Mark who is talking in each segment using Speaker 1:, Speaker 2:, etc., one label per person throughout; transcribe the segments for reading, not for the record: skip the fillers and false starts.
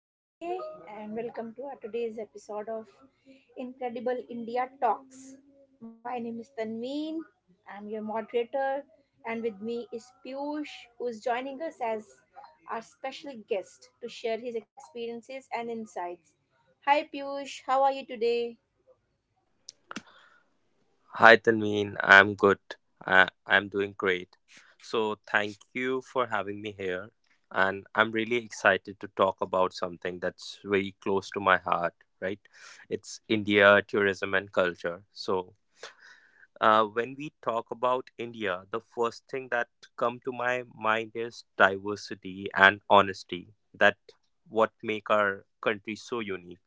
Speaker 1: Good day, and welcome to our today's episode of Incredible India Talks. My name is Tanveen. I'm your moderator, and with me is Piyush, who is joining us as our special guest to share his experiences and insights. Hi, Piyush. How are you today?
Speaker 2: Hi, Tanveen. I'm good. I'm doing great. So, thank you for having me here. And I'm really excited to talk about something that's very close to my heart, right? It's India, tourism, and culture. When we talk about India, the first thing that come to my mind is diversity and honesty. That what make our country so unique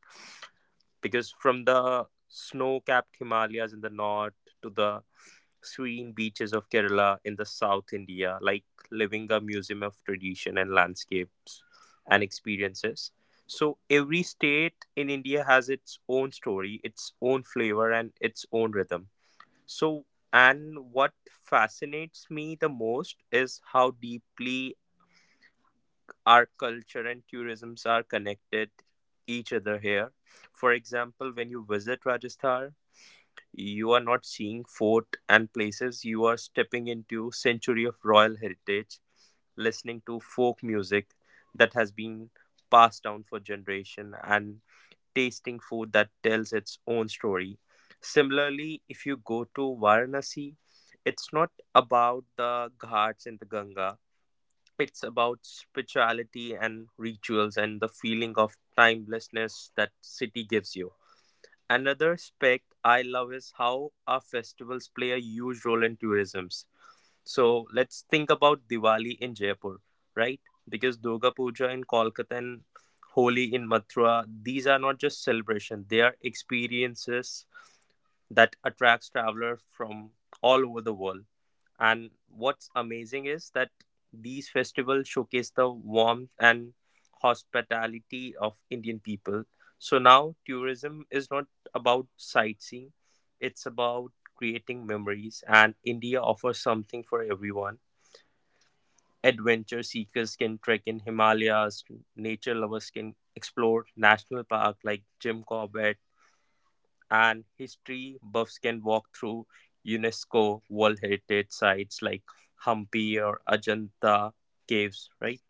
Speaker 2: because from the snow-capped Himalayas in the north to the serene beaches of Kerala in the South India, like living a museum of tradition and landscapes and experiences. So every state in India has its own story, its own flavor, and its own rhythm. So, and what fascinates me the most is how deeply our culture and tourisms are connected each other here. For example, when you visit Rajasthan, you are not seeing fort and places, you are stepping into century of royal heritage, listening to folk music that has been passed down for generation, and tasting food that tells its own story. Similarly, if you go to Varanasi, it's not about the ghats in the Ganga, it's about spirituality and rituals and the feeling of timelessness that city gives you. Another aspect I love is how our festivals play a huge role in tourism. So let's think about Diwali in Jaipur, right? Because Durga Puja in Kolkata and Holi in Mathura, these are not just celebrations, they are experiences that attracts travelers from all over the world. And what's amazing is that these festivals showcase the warmth and hospitality of Indian people. So now tourism is not about sightseeing, it's about creating memories, and India offers something for everyone. Adventure seekers can trek in Himalayas, nature lovers can explore national park like Jim Corbett, and history buffs can walk through UNESCO World Heritage sites like Hampi or Ajanta caves, right?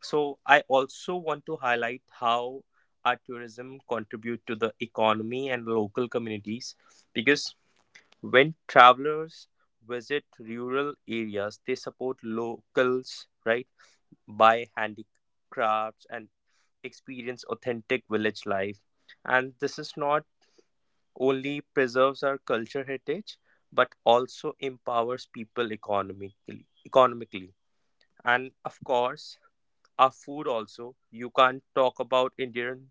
Speaker 2: So I also want to highlight how our tourism contribute to the economy and local communities, because when travelers visit rural areas, they support locals, right, by handicrafts and experience authentic village life. And this is not only preserves our culture heritage, but also empowers people economically. And of course, our food also, you can't talk about Indian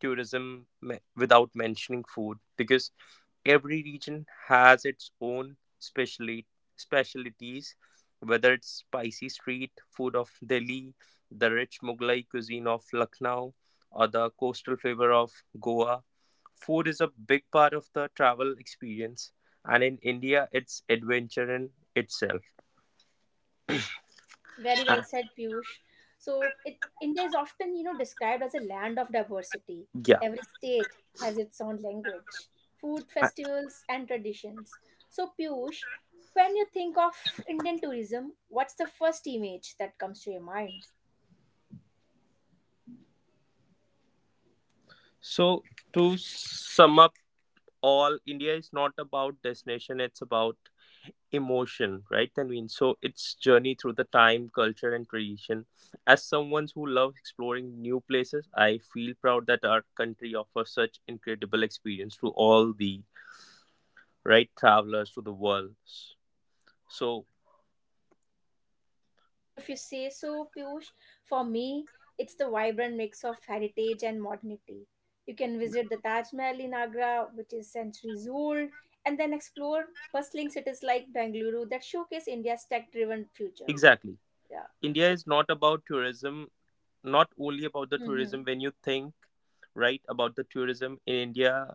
Speaker 2: tourism without mentioning food, because every region has its own specially specialties, whether it's spicy street food of Delhi, the rich Mughlai cuisine of Lucknow, or the coastal flavor of Goa. Food is a big part of the travel experience, and in India, it's adventure in itself.
Speaker 1: Very
Speaker 2: Uh,
Speaker 1: well said, Piyush. So, India is often, you know, described as a land of diversity.
Speaker 2: yeah.
Speaker 1: Every state has its own language, food
Speaker 2: Uh,
Speaker 1: festivals, and traditions. So, Piyush, when you think of Indian tourism, what's the first image that comes to your mind?
Speaker 2: So, to sum up all, India is not about destination, it's about emotion, right, Tanveen? So its journey through the time, culture, and tradition. As someone who loves exploring new places, I feel proud that our country offers such incredible experience to all the right travelers to the world. So
Speaker 1: So, if you say so, Piyush, for me, it's the vibrant mix of heritage and modernity. You can visit the Taj Mahal in Agra, which is centuries old, and then explore bustling cities like Bengaluru that showcase India's tech driven future.
Speaker 2: exactly,
Speaker 1: Yeah.
Speaker 2: India
Speaker 1: So,
Speaker 2: is not about tourism, not only about the tourism.
Speaker 1: hmm
Speaker 2: When you think right about the tourism in India,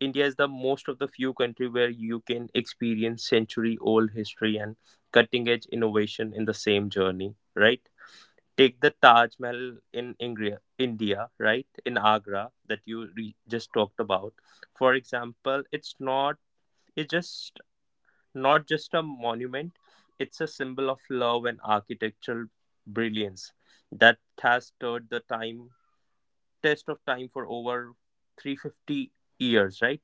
Speaker 2: India is the most of the few country where you can experience century old history and cutting edge innovation in the same journey, right? Take the Taj Mahal in India, right? In Agra that you just talked about. For example, it's not it's just not just a monument, it's a symbol of love and architectural brilliance that has stood the time test of time for over 350 years, right?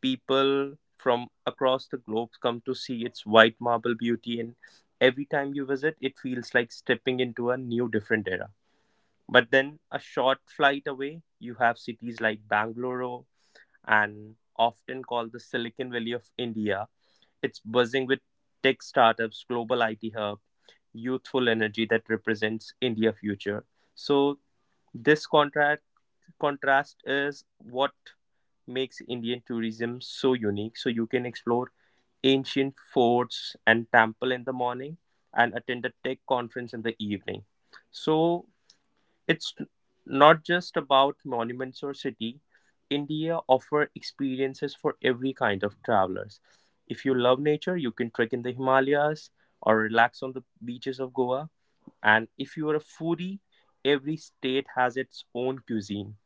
Speaker 2: People from across the globe come to see its white marble beauty, and every time you visit it feels like stepping into a new different era. But then a short flight away you have cities like Bangalore, and often called the Silicon Valley of India. It's buzzing with tech startups, global IT hub, youthful energy that represents India future. So this contract contrast is what makes Indian tourism so unique. So you can explore ancient forts and temple in the morning and attend a tech conference in the evening. So it's not just about monuments or city. India offer experiences for every kind of travelers. If you love nature, you can trek in the Himalayas or relax on the beaches of Goa. And if you are a foodie, every state has its own cuisine.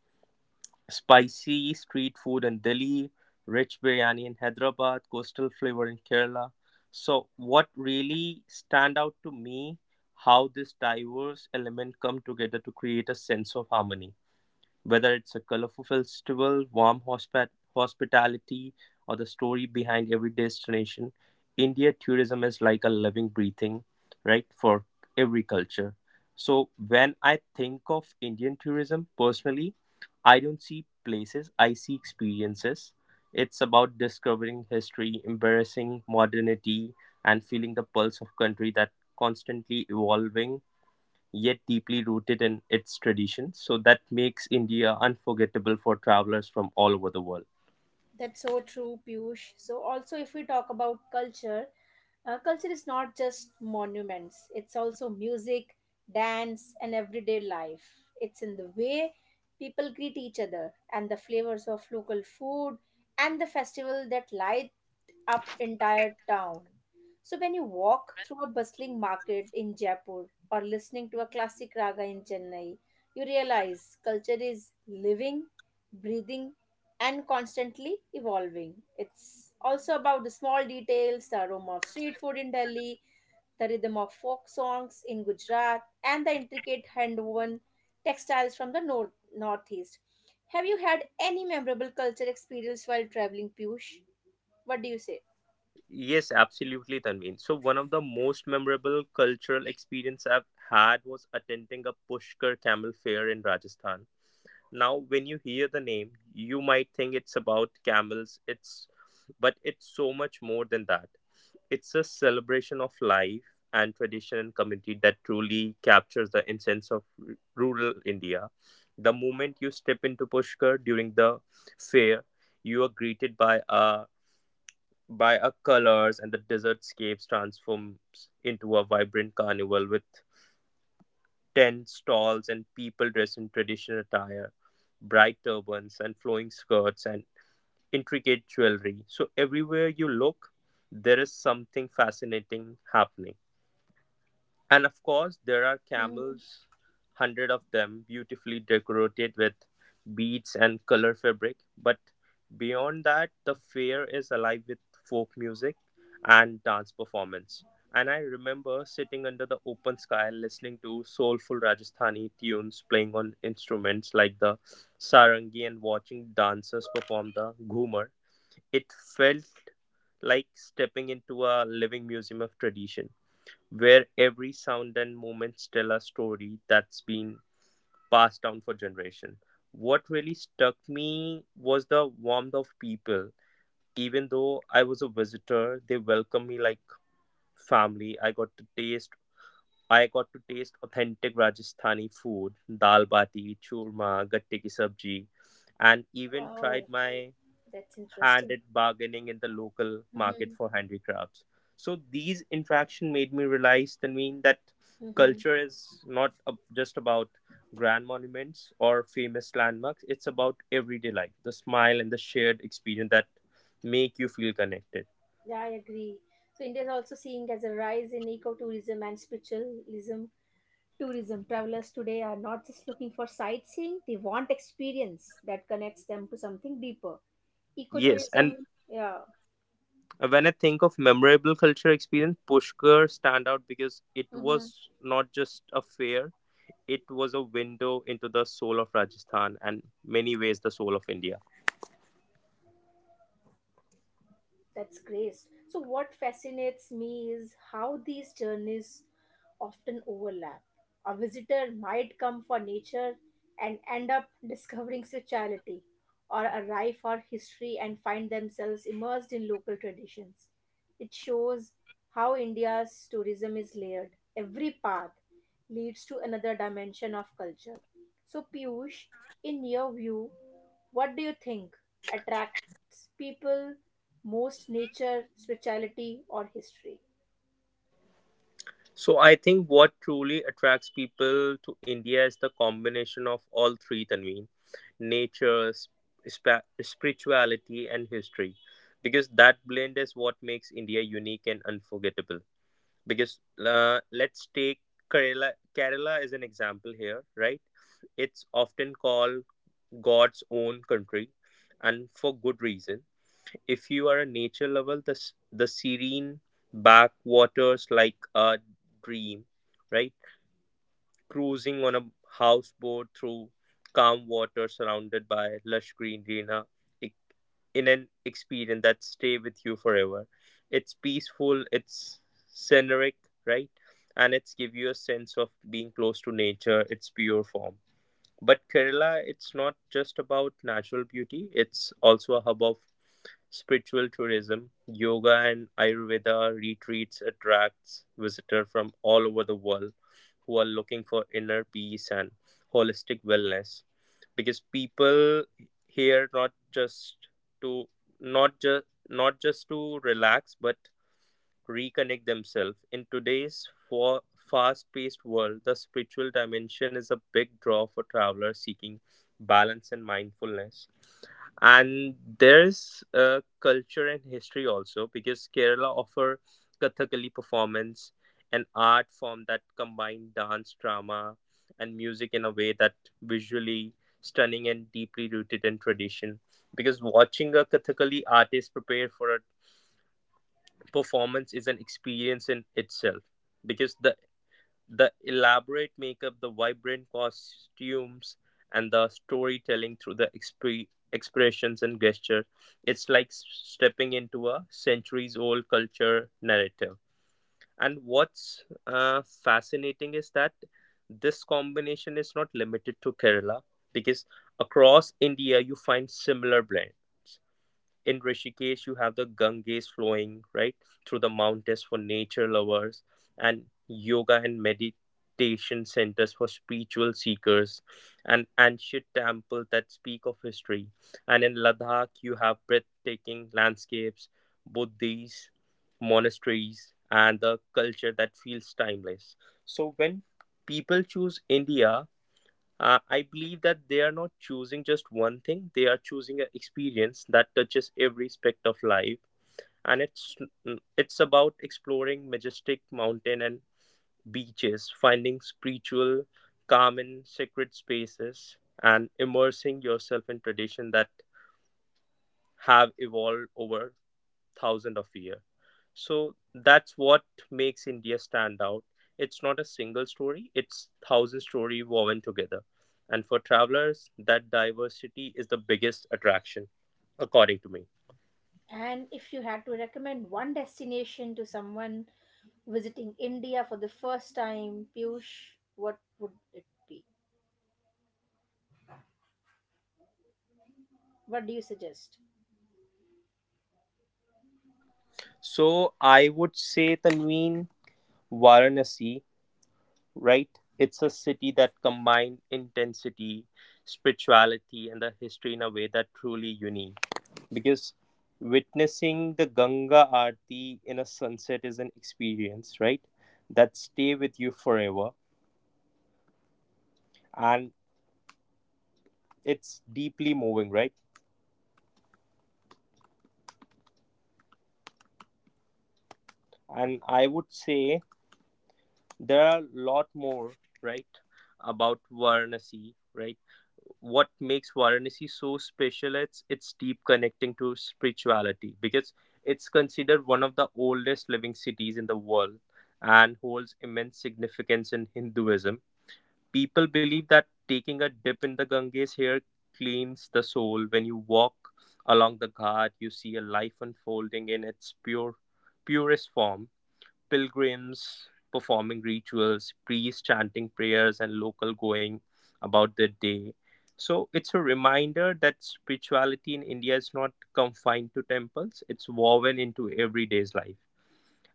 Speaker 2: Spicy street food in Delhi, rich biryani in Hyderabad, coastal flavor in Kerala. So what really stand out to me, how this diverse element come together to create a sense of harmony. Whether it's a colorful festival, warm hospitality, or the story behind every destination, India tourism is like a living, breathing, right, for every culture. So when I think of Indian tourism personally, I don't see places, I see experiences. It's about discovering history, embracing modernity, and feeling the pulse of country that constantly evolving yet deeply rooted in its traditions. So that makes India unforgettable for travelers from all over the world.
Speaker 1: that's so true, Piyush. So, also, if we talk about culture, culture is not just monuments, it's also music, dance, and everyday life. It's in the way people greet each other, and the flavors of local food, and the festival that light up entire town. So when you walk through a bustling market in Jaipur or listening to a classic raga in Chennai, you realize culture is living, breathing, and constantly evolving. It's also about the small details, the aroma of street food in Delhi, the rhythm of folk songs in Gujarat, and the intricate hand-woven textiles from the northeast. Have you had any memorable culture experience while traveling, Piyush? What do you say?
Speaker 2: Yes, absolutely, Tanveen. So one of the most memorable cultural experience I've had was attending a Pushkar Camel Fair in Rajasthan. Now, when you hear the name, you might think it's about camels. It's, but it's so much more than that. It's a celebration of life and tradition and community that truly captures the essence of rural India. The moment you step into Pushkar during the fair, you are greeted by a colors, and the desert scapes transforms into a vibrant carnival with tent stalls and people dressed in traditional attire, bright turbans and flowing skirts and intricate jewelry. So everywhere you look, there is something fascinating happening. And of course, there are
Speaker 1: Mm-hmm.
Speaker 2: camels, hundred of them, beautifully decorated with beads and color fabric. But beyond that, the fair is alive with folk music and dance performance. And I remember sitting under the open sky listening to soulful Rajasthani tunes playing on instruments like the sarangi, and watching dancers perform the ghumar. It felt like stepping into a living museum of tradition, where every sound and movements tell a story that's been passed down for generation. What really stuck me was the warmth of people. Even though I was a visitor, they welcomed me like family. I got to taste authentic Rajasthani food, dal bati churma, gatte ki sabji, and even tried
Speaker 1: Wow,
Speaker 2: my
Speaker 1: that's
Speaker 2: hand
Speaker 1: interesting.
Speaker 2: at bargaining in the local market
Speaker 1: Mm-hmm.
Speaker 2: for handicrafts. So these interaction made me realize, Tanveen, that
Speaker 1: Mm-hmm.
Speaker 2: culture is not just about grand monuments or famous landmarks. It's about everyday life, the smile and the shared experience that make you feel connected.
Speaker 1: Yeah, I agree. So India is also seeing as a rise in ecotourism and spiritualism tourism. Travelers today are not just looking for sightseeing, they want experience that connects them to something deeper.
Speaker 2: Yes,
Speaker 1: Ecotourism,
Speaker 2: and
Speaker 1: yeah.
Speaker 2: when I think of memorable culture experience, Pushkar stand out because it
Speaker 1: Mm-hmm.
Speaker 2: was not just a fair; it was a window into the soul of Rajasthan and many ways the soul of India.
Speaker 1: That's great. So, what fascinates me is how these journeys often overlap. A visitor might come for nature and end up discovering spirituality, or arrive for history and find themselves immersed in local traditions. It shows how India's tourism is layered. Every path leads to another dimension of culture. So, Piyush, in your view, what do you think attracts people most, nature, spirituality, or history?
Speaker 2: So I think what truly attracts people to India is the combination of all three, Tanveen, nature, spirituality, and history, because that blend is what makes India unique and unforgettable. Because Let's take Kerala. Kerala is an example here, right? It's often called God's own country, and for good reason. If you are a nature lover, the the serene backwaters like a dream, right? Cruising on a houseboat through calm water surrounded by lush greenery e, in an experience that stay with you forever. It's peaceful, it's scenic, right? And it's give you a sense of being close to nature, its pure form. But Kerala, it's not just about natural beauty, it's also a hub of spiritual tourism. Yoga and Ayurveda retreats attracts visitors from all over the world who are looking for inner peace and holistic wellness, because people here not just to not just not just to relax, but reconnect themselves. In today's for fast-paced world, the spiritual dimension is a big draw for travelers seeking balance and mindfulness. And there's culture and history also, because Kerala offer Kathakali performance, an art form that combine dance, drama, and music in a way that visually stunning and deeply rooted in tradition, because watching a Kathakali artist prepare for a performance is an experience in itself, because the elaborate makeup, the vibrant costumes, and the storytelling through the expressions and gesture, it's like stepping into a centuries old culture narrative. And what's fascinating is that this combination is not limited to Kerala, because across India you find similar blends. In Rishikesh, you have the Ganges flowing right through the mountains for nature lovers, and yoga and meditation centers for spiritual seekers, and ancient temples that speak of history. And in Ladakh, you have breathtaking landscapes, Buddhist monasteries, and the culture that feels timeless. So when people choose India, I believe that they are not choosing just one thing; they are choosing an experience that touches every aspect of life. And it's about exploring majestic mountain and beaches, finding spiritual, calm and sacred spaces, and immersing yourself in tradition that have evolved over thousand of year. So that's what makes India stand out. It's not a single story, it's thousand story woven together. And for travelers, that diversity is the biggest attraction, according to me.
Speaker 1: And if you had to recommend one destination to someone visiting India for the first time, Piyush, what would it be? What do you suggest?
Speaker 2: So I would say Tanveen, Varanasi, right? It's a city that combined intensity, spirituality, and the history in a way that truly unique. Because witnessing the Ganga Aarti in a sunset is an experience, right? That stay with you forever, and it's deeply moving, right? And I would say there are a lot more, right, about Varanasi, right? What makes Varanasi so special? It's its deep connecting to spirituality because it's considered one of the oldest living cities in the world and holds immense significance in Hinduism. People believe that taking a dip in the Ganges here cleans the soul. When you walk along the ghat, you see a life unfolding in its purest form. Pilgrims performing rituals, priests chanting prayers, and local going about their day. So it's a reminder that spirituality in India is not confined to temples, it's woven into everyday's life.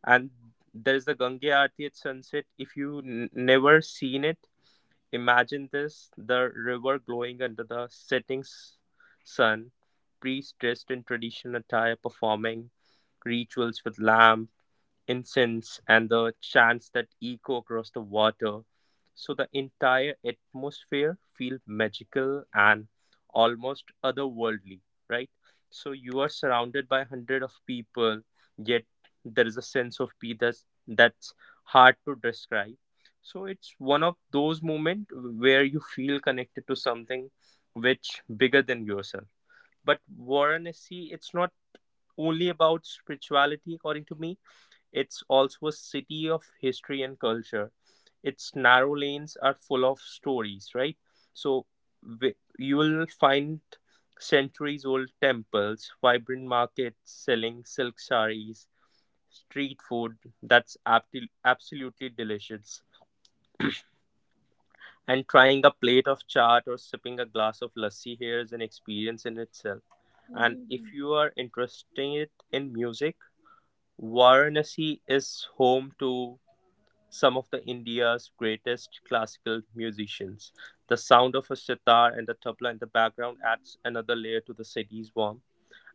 Speaker 2: And there's the Gange Aarti at sunset. If you never seen it, imagine this: the river glowing under the setting sun, priests dressed in traditional attire performing rituals with lamb, incense, and the chants that echo across the water. So the entire atmosphere feels magical and almost otherworldly, right? So you are surrounded by hundred of people, yet there is a sense of peace that's hard to describe. So it's one of those moments where you feel connected to something which bigger than yourself. But Varanasi, it's not only about spirituality, according to me it's also a city of history and culture. Its narrow lanes are full of stories, right? So you will find centuries old temples, vibrant markets selling silk saris, street food that's absolutely delicious. And trying a plate of chaat or sipping a glass of lassi here is an experience in itself. And if
Speaker 1: Mhm.
Speaker 2: you are interested in music, Varanasi is home to some of the India's greatest classical musicians. The sound of a sitar and the tabla in the background adds another layer to the city's warmth.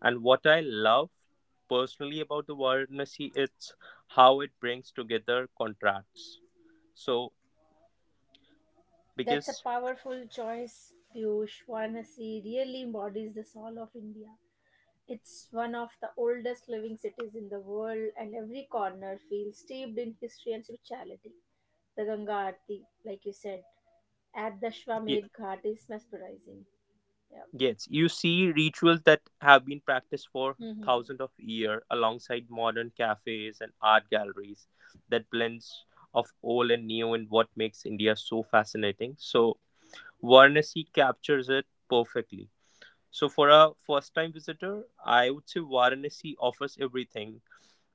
Speaker 2: And what I love personally about the Varanasi it's how it brings together contrasts. So
Speaker 1: That's a
Speaker 2: because
Speaker 1: powerful choice, Piyush. Varanasi really embodies the soul of India. It's one of the oldest living cities in the world, and every corner feels steeped in history and spirituality. The Ganga Aarti, like you said, at the
Speaker 2: ye-
Speaker 1: Ashwamedh Ghat is mesmerizing. Yeah.
Speaker 2: yes, you see rituals that have been practiced for
Speaker 1: hmm
Speaker 2: thousands of years alongside modern cafes and art galleries that blends of old and new and what makes India so fascinating. So Varanasi captures it perfectly. So, for a first time visitor, I would say Varanasi offers everything: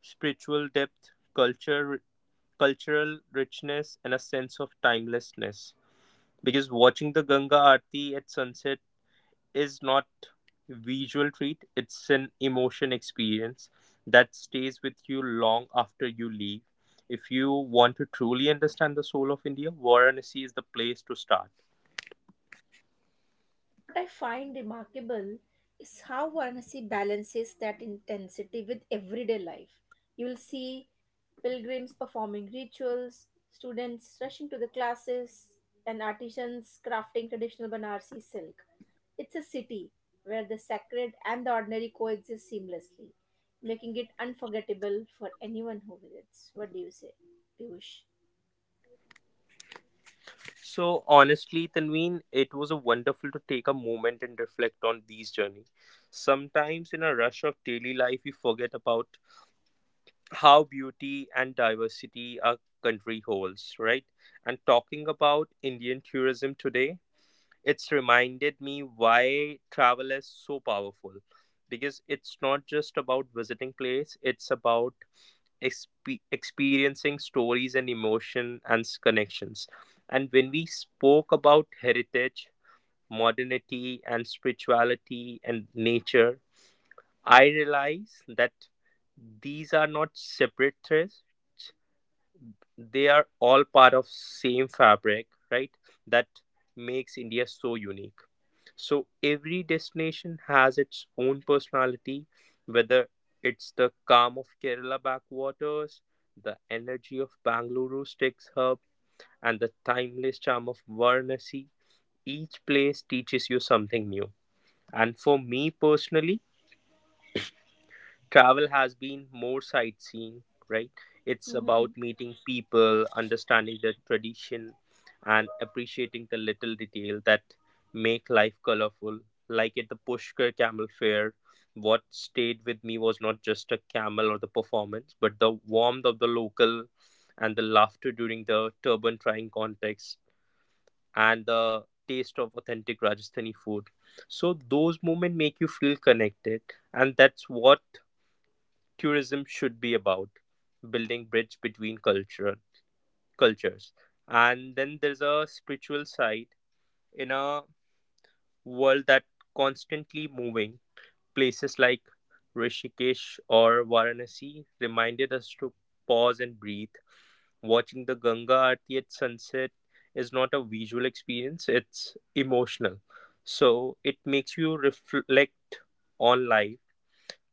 Speaker 2: spiritual depth, culture, cultural richness, and a sense of timelessness. Because watching the Ganga Aarti at sunset is not visual treat, it's an emotion experience that stays with you long after you leave. If you want to truly understand the soul of India, Varanasi is the place to start.
Speaker 1: What I find remarkable is how Varanasi balances that intensity with everyday life. You will see pilgrims performing rituals, students rushing to the classes, and artisans crafting traditional Banarsi silk. It's a city where the sacred and the ordinary coexist seamlessly, making it unforgettable for anyone who visits. What do you say, Piyush?
Speaker 2: So honestly, Tanveen, it was a wonderful to take a moment and reflect on these journeys. Sometimes in a rush of daily life, we forget about how beauty and diversity our country holds, right? And talking about Indian tourism today, it's reminded me why travel is so powerful because it's not just about visiting place, it's about experiencing stories and emotion and connections. And when we spoke about heritage, modernity, and spirituality and nature, I realize that these are not separate threads; they are all part of same fabric, right? That makes India so unique. So every destination has its own personality, whether it's the calm of Kerala backwaters, the energy of Bangaluru's tech hub, and the timeless charm of Varanasi. Each place teaches you something new. And for me personally, travel has been more sightseeing, right, it's
Speaker 1: Hmm.
Speaker 2: about meeting people, understanding their tradition and appreciating the little detail that make life colorful, like at the Pushkar camel fair. What stayed with me was not just a camel or the performance but the warmth of the local and the laughter during the turban trying contest and the taste of authentic Rajasthani food. So those moments make you feel connected, and that's what tourism should be about: building bridge between cultural cultures. And then there's a spiritual side. In a world that constantly moving, places like Rishikesh or Varanasi reminded us to pause and breathe. Watching the Ganga Aarti at sunset is not a visual experience, it's emotional. So it makes you reflect on life,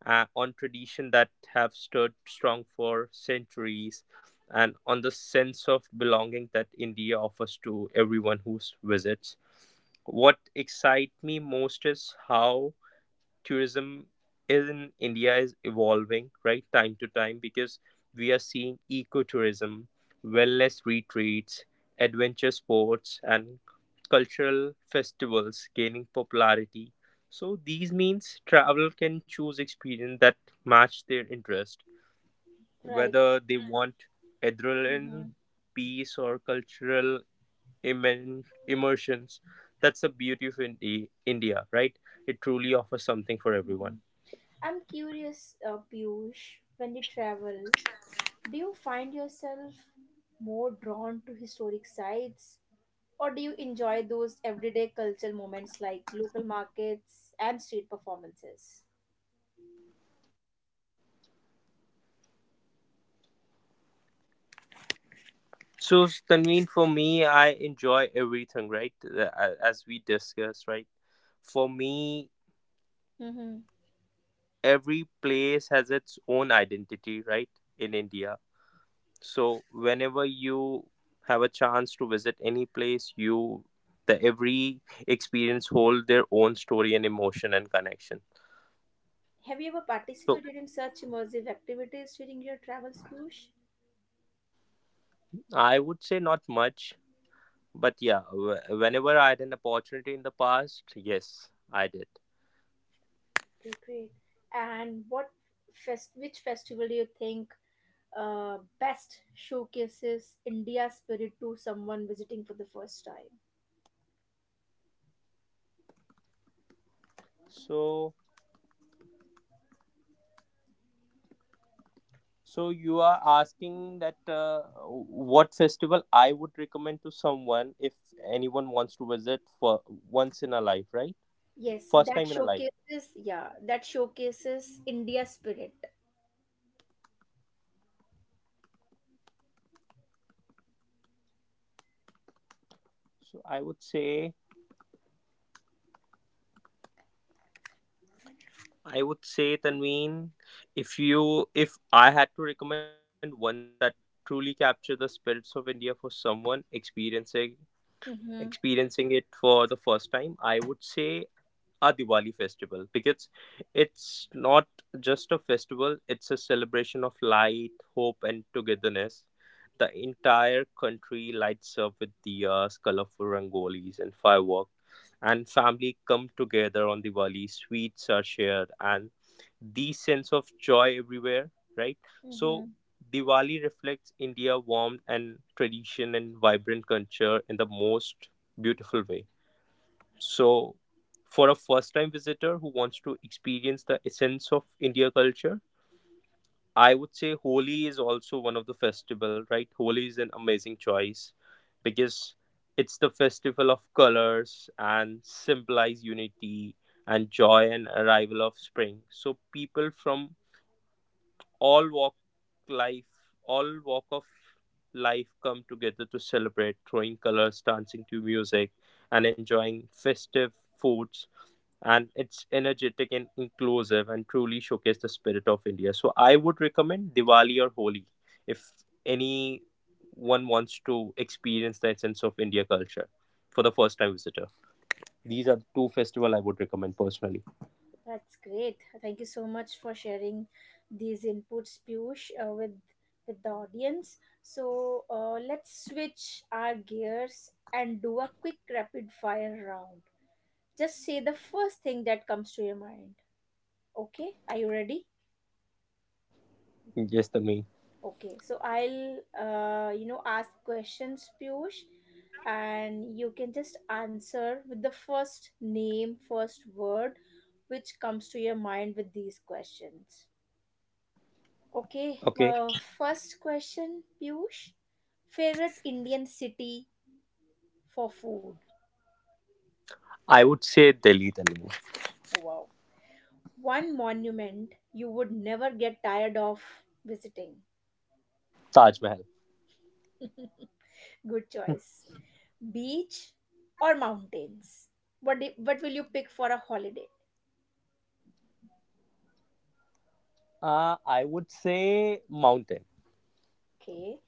Speaker 2: on tradition that have stood strong for centuries, and on the sense of belonging that India offers to everyone who visits. What excites me most is how tourism in India is evolving, right, time to time, because we are seeing ecotourism, wellness retreats, adventure sports, and cultural festivals gaining popularity. So these means travel can choose experience that match their interest,
Speaker 1: Right.
Speaker 2: whether they want adrenaline,
Speaker 1: Mm-hmm,
Speaker 2: peace, or immersions. That's the beauty of India, right? It truly offers something for
Speaker 1: mm-hmm.
Speaker 2: everyone.
Speaker 1: I'm curious, Piyush, when you travel, do you find yourself more drawn to historic sites or do you enjoy those everyday cultural moments like local markets and street performances?
Speaker 2: So Tanveen, for me, I enjoy everything, right? As we discussed, right? For me,
Speaker 1: Mm-hmm.
Speaker 2: every place has its own identity, right? In India. So whenever you have a chance to visit any place, you the every experience hold their own story and emotion and connection.
Speaker 1: Have you ever
Speaker 2: So
Speaker 1: participated in such immersive activities during your travels, Piyush?
Speaker 2: I would say not much, but yeah, whenever I had an opportunity in the past, yes, I did.
Speaker 1: Okay, great. And which festival do you think best showcases India's spirit to someone visiting for the first time?
Speaker 2: So So you are asking that what festival I would recommend to someone if anyone wants to visit for once in a life, right?
Speaker 1: Yes,
Speaker 2: First
Speaker 1: that
Speaker 2: time in a life.
Speaker 1: showcases, yeah, that showcases India spirit.
Speaker 2: So I would say Tanveen, if I had to recommend one festival that truly capture the spirits of India for someone experiencing
Speaker 1: Mm-hmm.
Speaker 2: experiencing it for the first time, I would say our Diwali festival because it's not just a festival, it's a celebration of light, hope, and togetherness. The entire country lights up with diyas, colorful rangolis, and fireworks, and family come together on Diwali. Sweets are shared, and the sense of joy everywhere, right? So,
Speaker 1: Mm-hmm.
Speaker 2: Diwali reflects India warmth and tradition and vibrant culture in the most beautiful way. So, for a first time visitor who wants to experience the essence of India culture, I would say Holi is also one of the festival, right? Holi is an amazing choice because it's the festival of colors and symbolize unity and joy and arrival of spring. So people from all walk life all walk of life come together to celebrate, throwing colors, dancing to music and enjoying festive foods, and it's energetic and inclusive and truly showcase the spirit of India. So I would recommend Diwali or Holi. If anyone wants to experience that sense of India culture for the first time visitor, these are two festival I would recommend personally.
Speaker 1: That's great. Thank you so much for sharing these inputs, Piyush, with the audience. So let's switch our gears and do a quick rapid fire round. Just say the first thing that comes to your mind. Okay, are you ready?
Speaker 2: Yes, the main.
Speaker 1: Okay, so I'll, you know, ask questions, Piyush, and you can just answer with the first name, first word which comes to your mind with these questions. Okay,
Speaker 2: Okay,
Speaker 1: first question, Piyush. Favorite Indian city for food?
Speaker 2: I would say Delhi. Then
Speaker 1: Oh, wow. One monument you would never get tired of visiting.
Speaker 2: Taj Mahal.
Speaker 1: Good choice. Beach or mountains? What will you pick for a holiday?
Speaker 2: I would say mountain.
Speaker 1: Okay.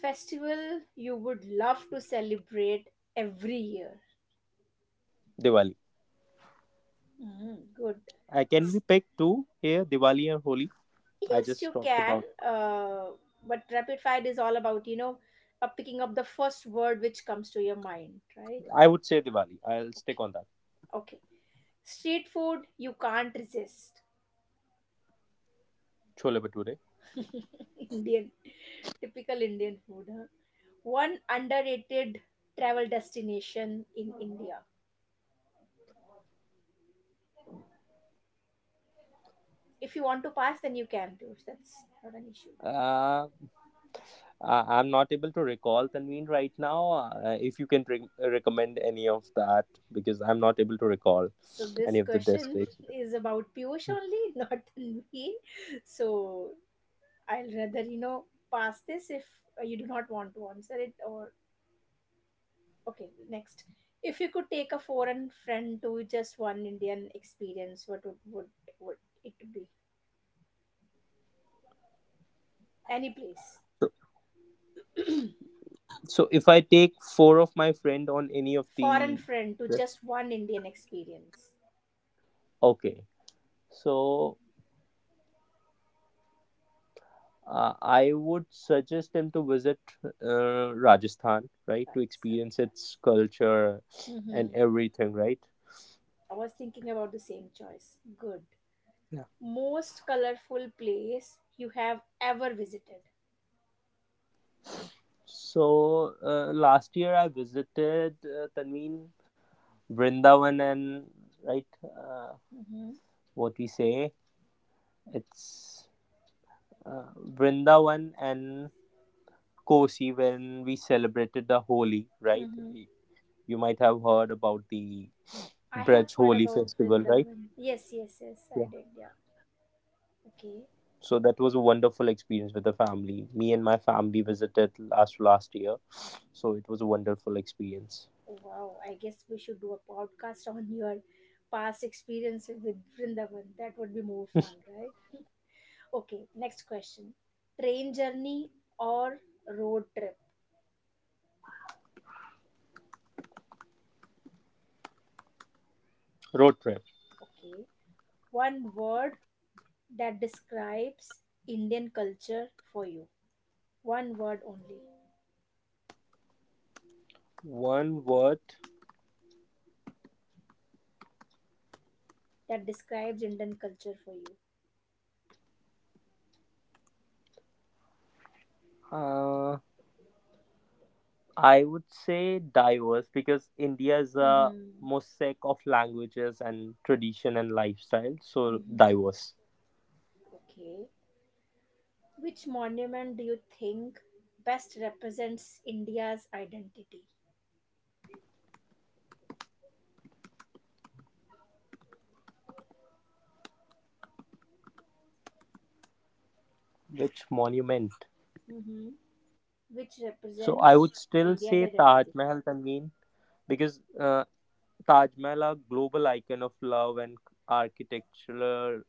Speaker 1: Festival you would love to celebrate every year.
Speaker 2: Diwali.
Speaker 1: Mm, good.
Speaker 2: Can we
Speaker 1: S-
Speaker 2: pick two here, Diwali and Holi? I
Speaker 1: Yes,
Speaker 2: just
Speaker 1: you
Speaker 2: talked
Speaker 1: can.
Speaker 2: about.
Speaker 1: But rapid fire is all about, you know, picking up the first word which comes to your mind, right?
Speaker 2: I would say Diwali. I'll stick
Speaker 1: Okay.
Speaker 2: on that.
Speaker 1: Okay. Street food you can't resist.
Speaker 2: Chole Bhature.
Speaker 1: Indian. Typical Indian food, huh? One underrated travel destination in India. If you want to pass, then you can, do. That's not an issue.
Speaker 2: Uh, I'm not able to recall Tanveen right now. If you can recommend any of that, because I'm not able to recall
Speaker 1: So
Speaker 2: any
Speaker 1: this
Speaker 2: of the
Speaker 1: question
Speaker 2: destinations.
Speaker 1: is about Piyush only, not Tanveen. So I'll rather, you know, pass this if you do not want to answer it or okay, next. If you could take a foreign friend to just one Indian experience, what would it be? Any place.
Speaker 2: So if I take four of my friend on any of
Speaker 1: Foreign
Speaker 2: the,
Speaker 1: friend to just one Indian experience.
Speaker 2: okay. So I would suggest them to visit Rajasthan, right, to
Speaker 1: That's
Speaker 2: experience its culture and
Speaker 1: Mm-hmm.
Speaker 2: everything, right?
Speaker 1: I was thinking about the same choice. Good.
Speaker 2: Yeah.
Speaker 1: Most colorful place you have ever visited.
Speaker 2: So last year I visited Tanveen, Vrindavan and right,
Speaker 1: Mhm.
Speaker 2: what we say it's uh, Vrindavan and Kosi when we celebrated the Holi, right?
Speaker 1: Mm-hmm.
Speaker 2: You might have heard about the
Speaker 1: I have
Speaker 2: Braj
Speaker 1: heard
Speaker 2: Holi
Speaker 1: about
Speaker 2: festival, right?
Speaker 1: Vrindavan. Yes, yes, yes, I
Speaker 2: Yeah.
Speaker 1: did. Yeah. Okay.
Speaker 2: So that was a wonderful experience with the family. Me and my family visited last year, so it was a wonderful experience.
Speaker 1: Wow. I guess we should do a podcast on your past experience with Vrindavan. That would be more fun, right? Okay. Next question. Train journey or road trip?
Speaker 2: Road trip.
Speaker 1: Okay. One word that describes Indian culture for you. One word only
Speaker 2: One word.
Speaker 1: that describes Indian culture for you.
Speaker 2: Uh, I would say diverse because India is a
Speaker 1: Mm-hmm.
Speaker 2: mosaic of languages and tradition and lifestyle. So
Speaker 1: Mm-hmm.
Speaker 2: diverse.
Speaker 1: Okay. Which monument do you think best represents India's identity?
Speaker 2: Which monument?
Speaker 1: hmm Which
Speaker 2: So I would
Speaker 1: represents
Speaker 2: still
Speaker 1: India's
Speaker 2: say Taj
Speaker 1: identity?
Speaker 2: Mahal, Tanveen, because Taj Mahal, a global icon of love and architectural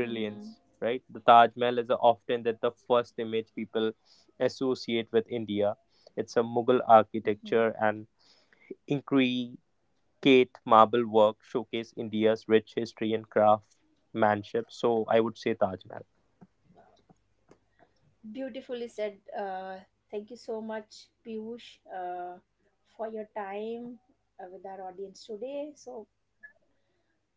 Speaker 1: hmm
Speaker 2: right? The Taj Mahal is often that the first image people associate with India. It's a Mughal
Speaker 1: hmm.
Speaker 2: architecture and intricate marble work showcase India's rich history and craftsmanship. So I would say Taj Mahal.
Speaker 1: Beautifully said. Thank you so much, Piyush, for your time with our audience today. So,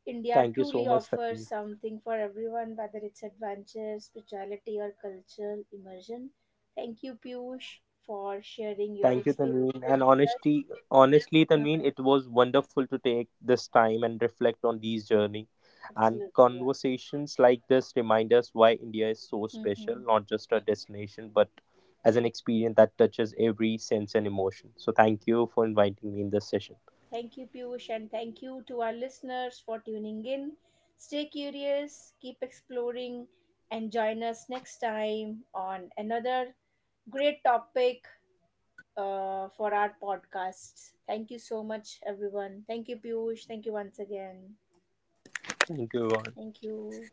Speaker 1: India
Speaker 2: Thank you so
Speaker 1: truly
Speaker 2: much,
Speaker 1: offers
Speaker 2: Tanvi.
Speaker 1: something for everyone, whether it's adventure, spirituality, or cultural immersion. Thank you, Piyush, for sharing your
Speaker 2: Thank you, Tanveen.
Speaker 1: experiences
Speaker 2: And honestly,
Speaker 1: with
Speaker 2: honestly, Tanveen,
Speaker 1: us.
Speaker 2: it was wonderful to take this time and reflect on these journey. And
Speaker 1: Absolutely.
Speaker 2: conversations like this remind us why India is so
Speaker 1: yeah.
Speaker 2: special,
Speaker 1: hmm
Speaker 2: not just a destination, but as an experience that touches every sense and emotion. So thank you for inviting me in this session.
Speaker 1: Thank you, Piyush, and thank you to our listeners for tuning in. Stay curious, keep exploring, and join us next time on another great topic for our podcast. Thank you so much, everyone. Thank you, Piyush. Thank you once again.
Speaker 2: Thank you, everyone.
Speaker 1: Thank you.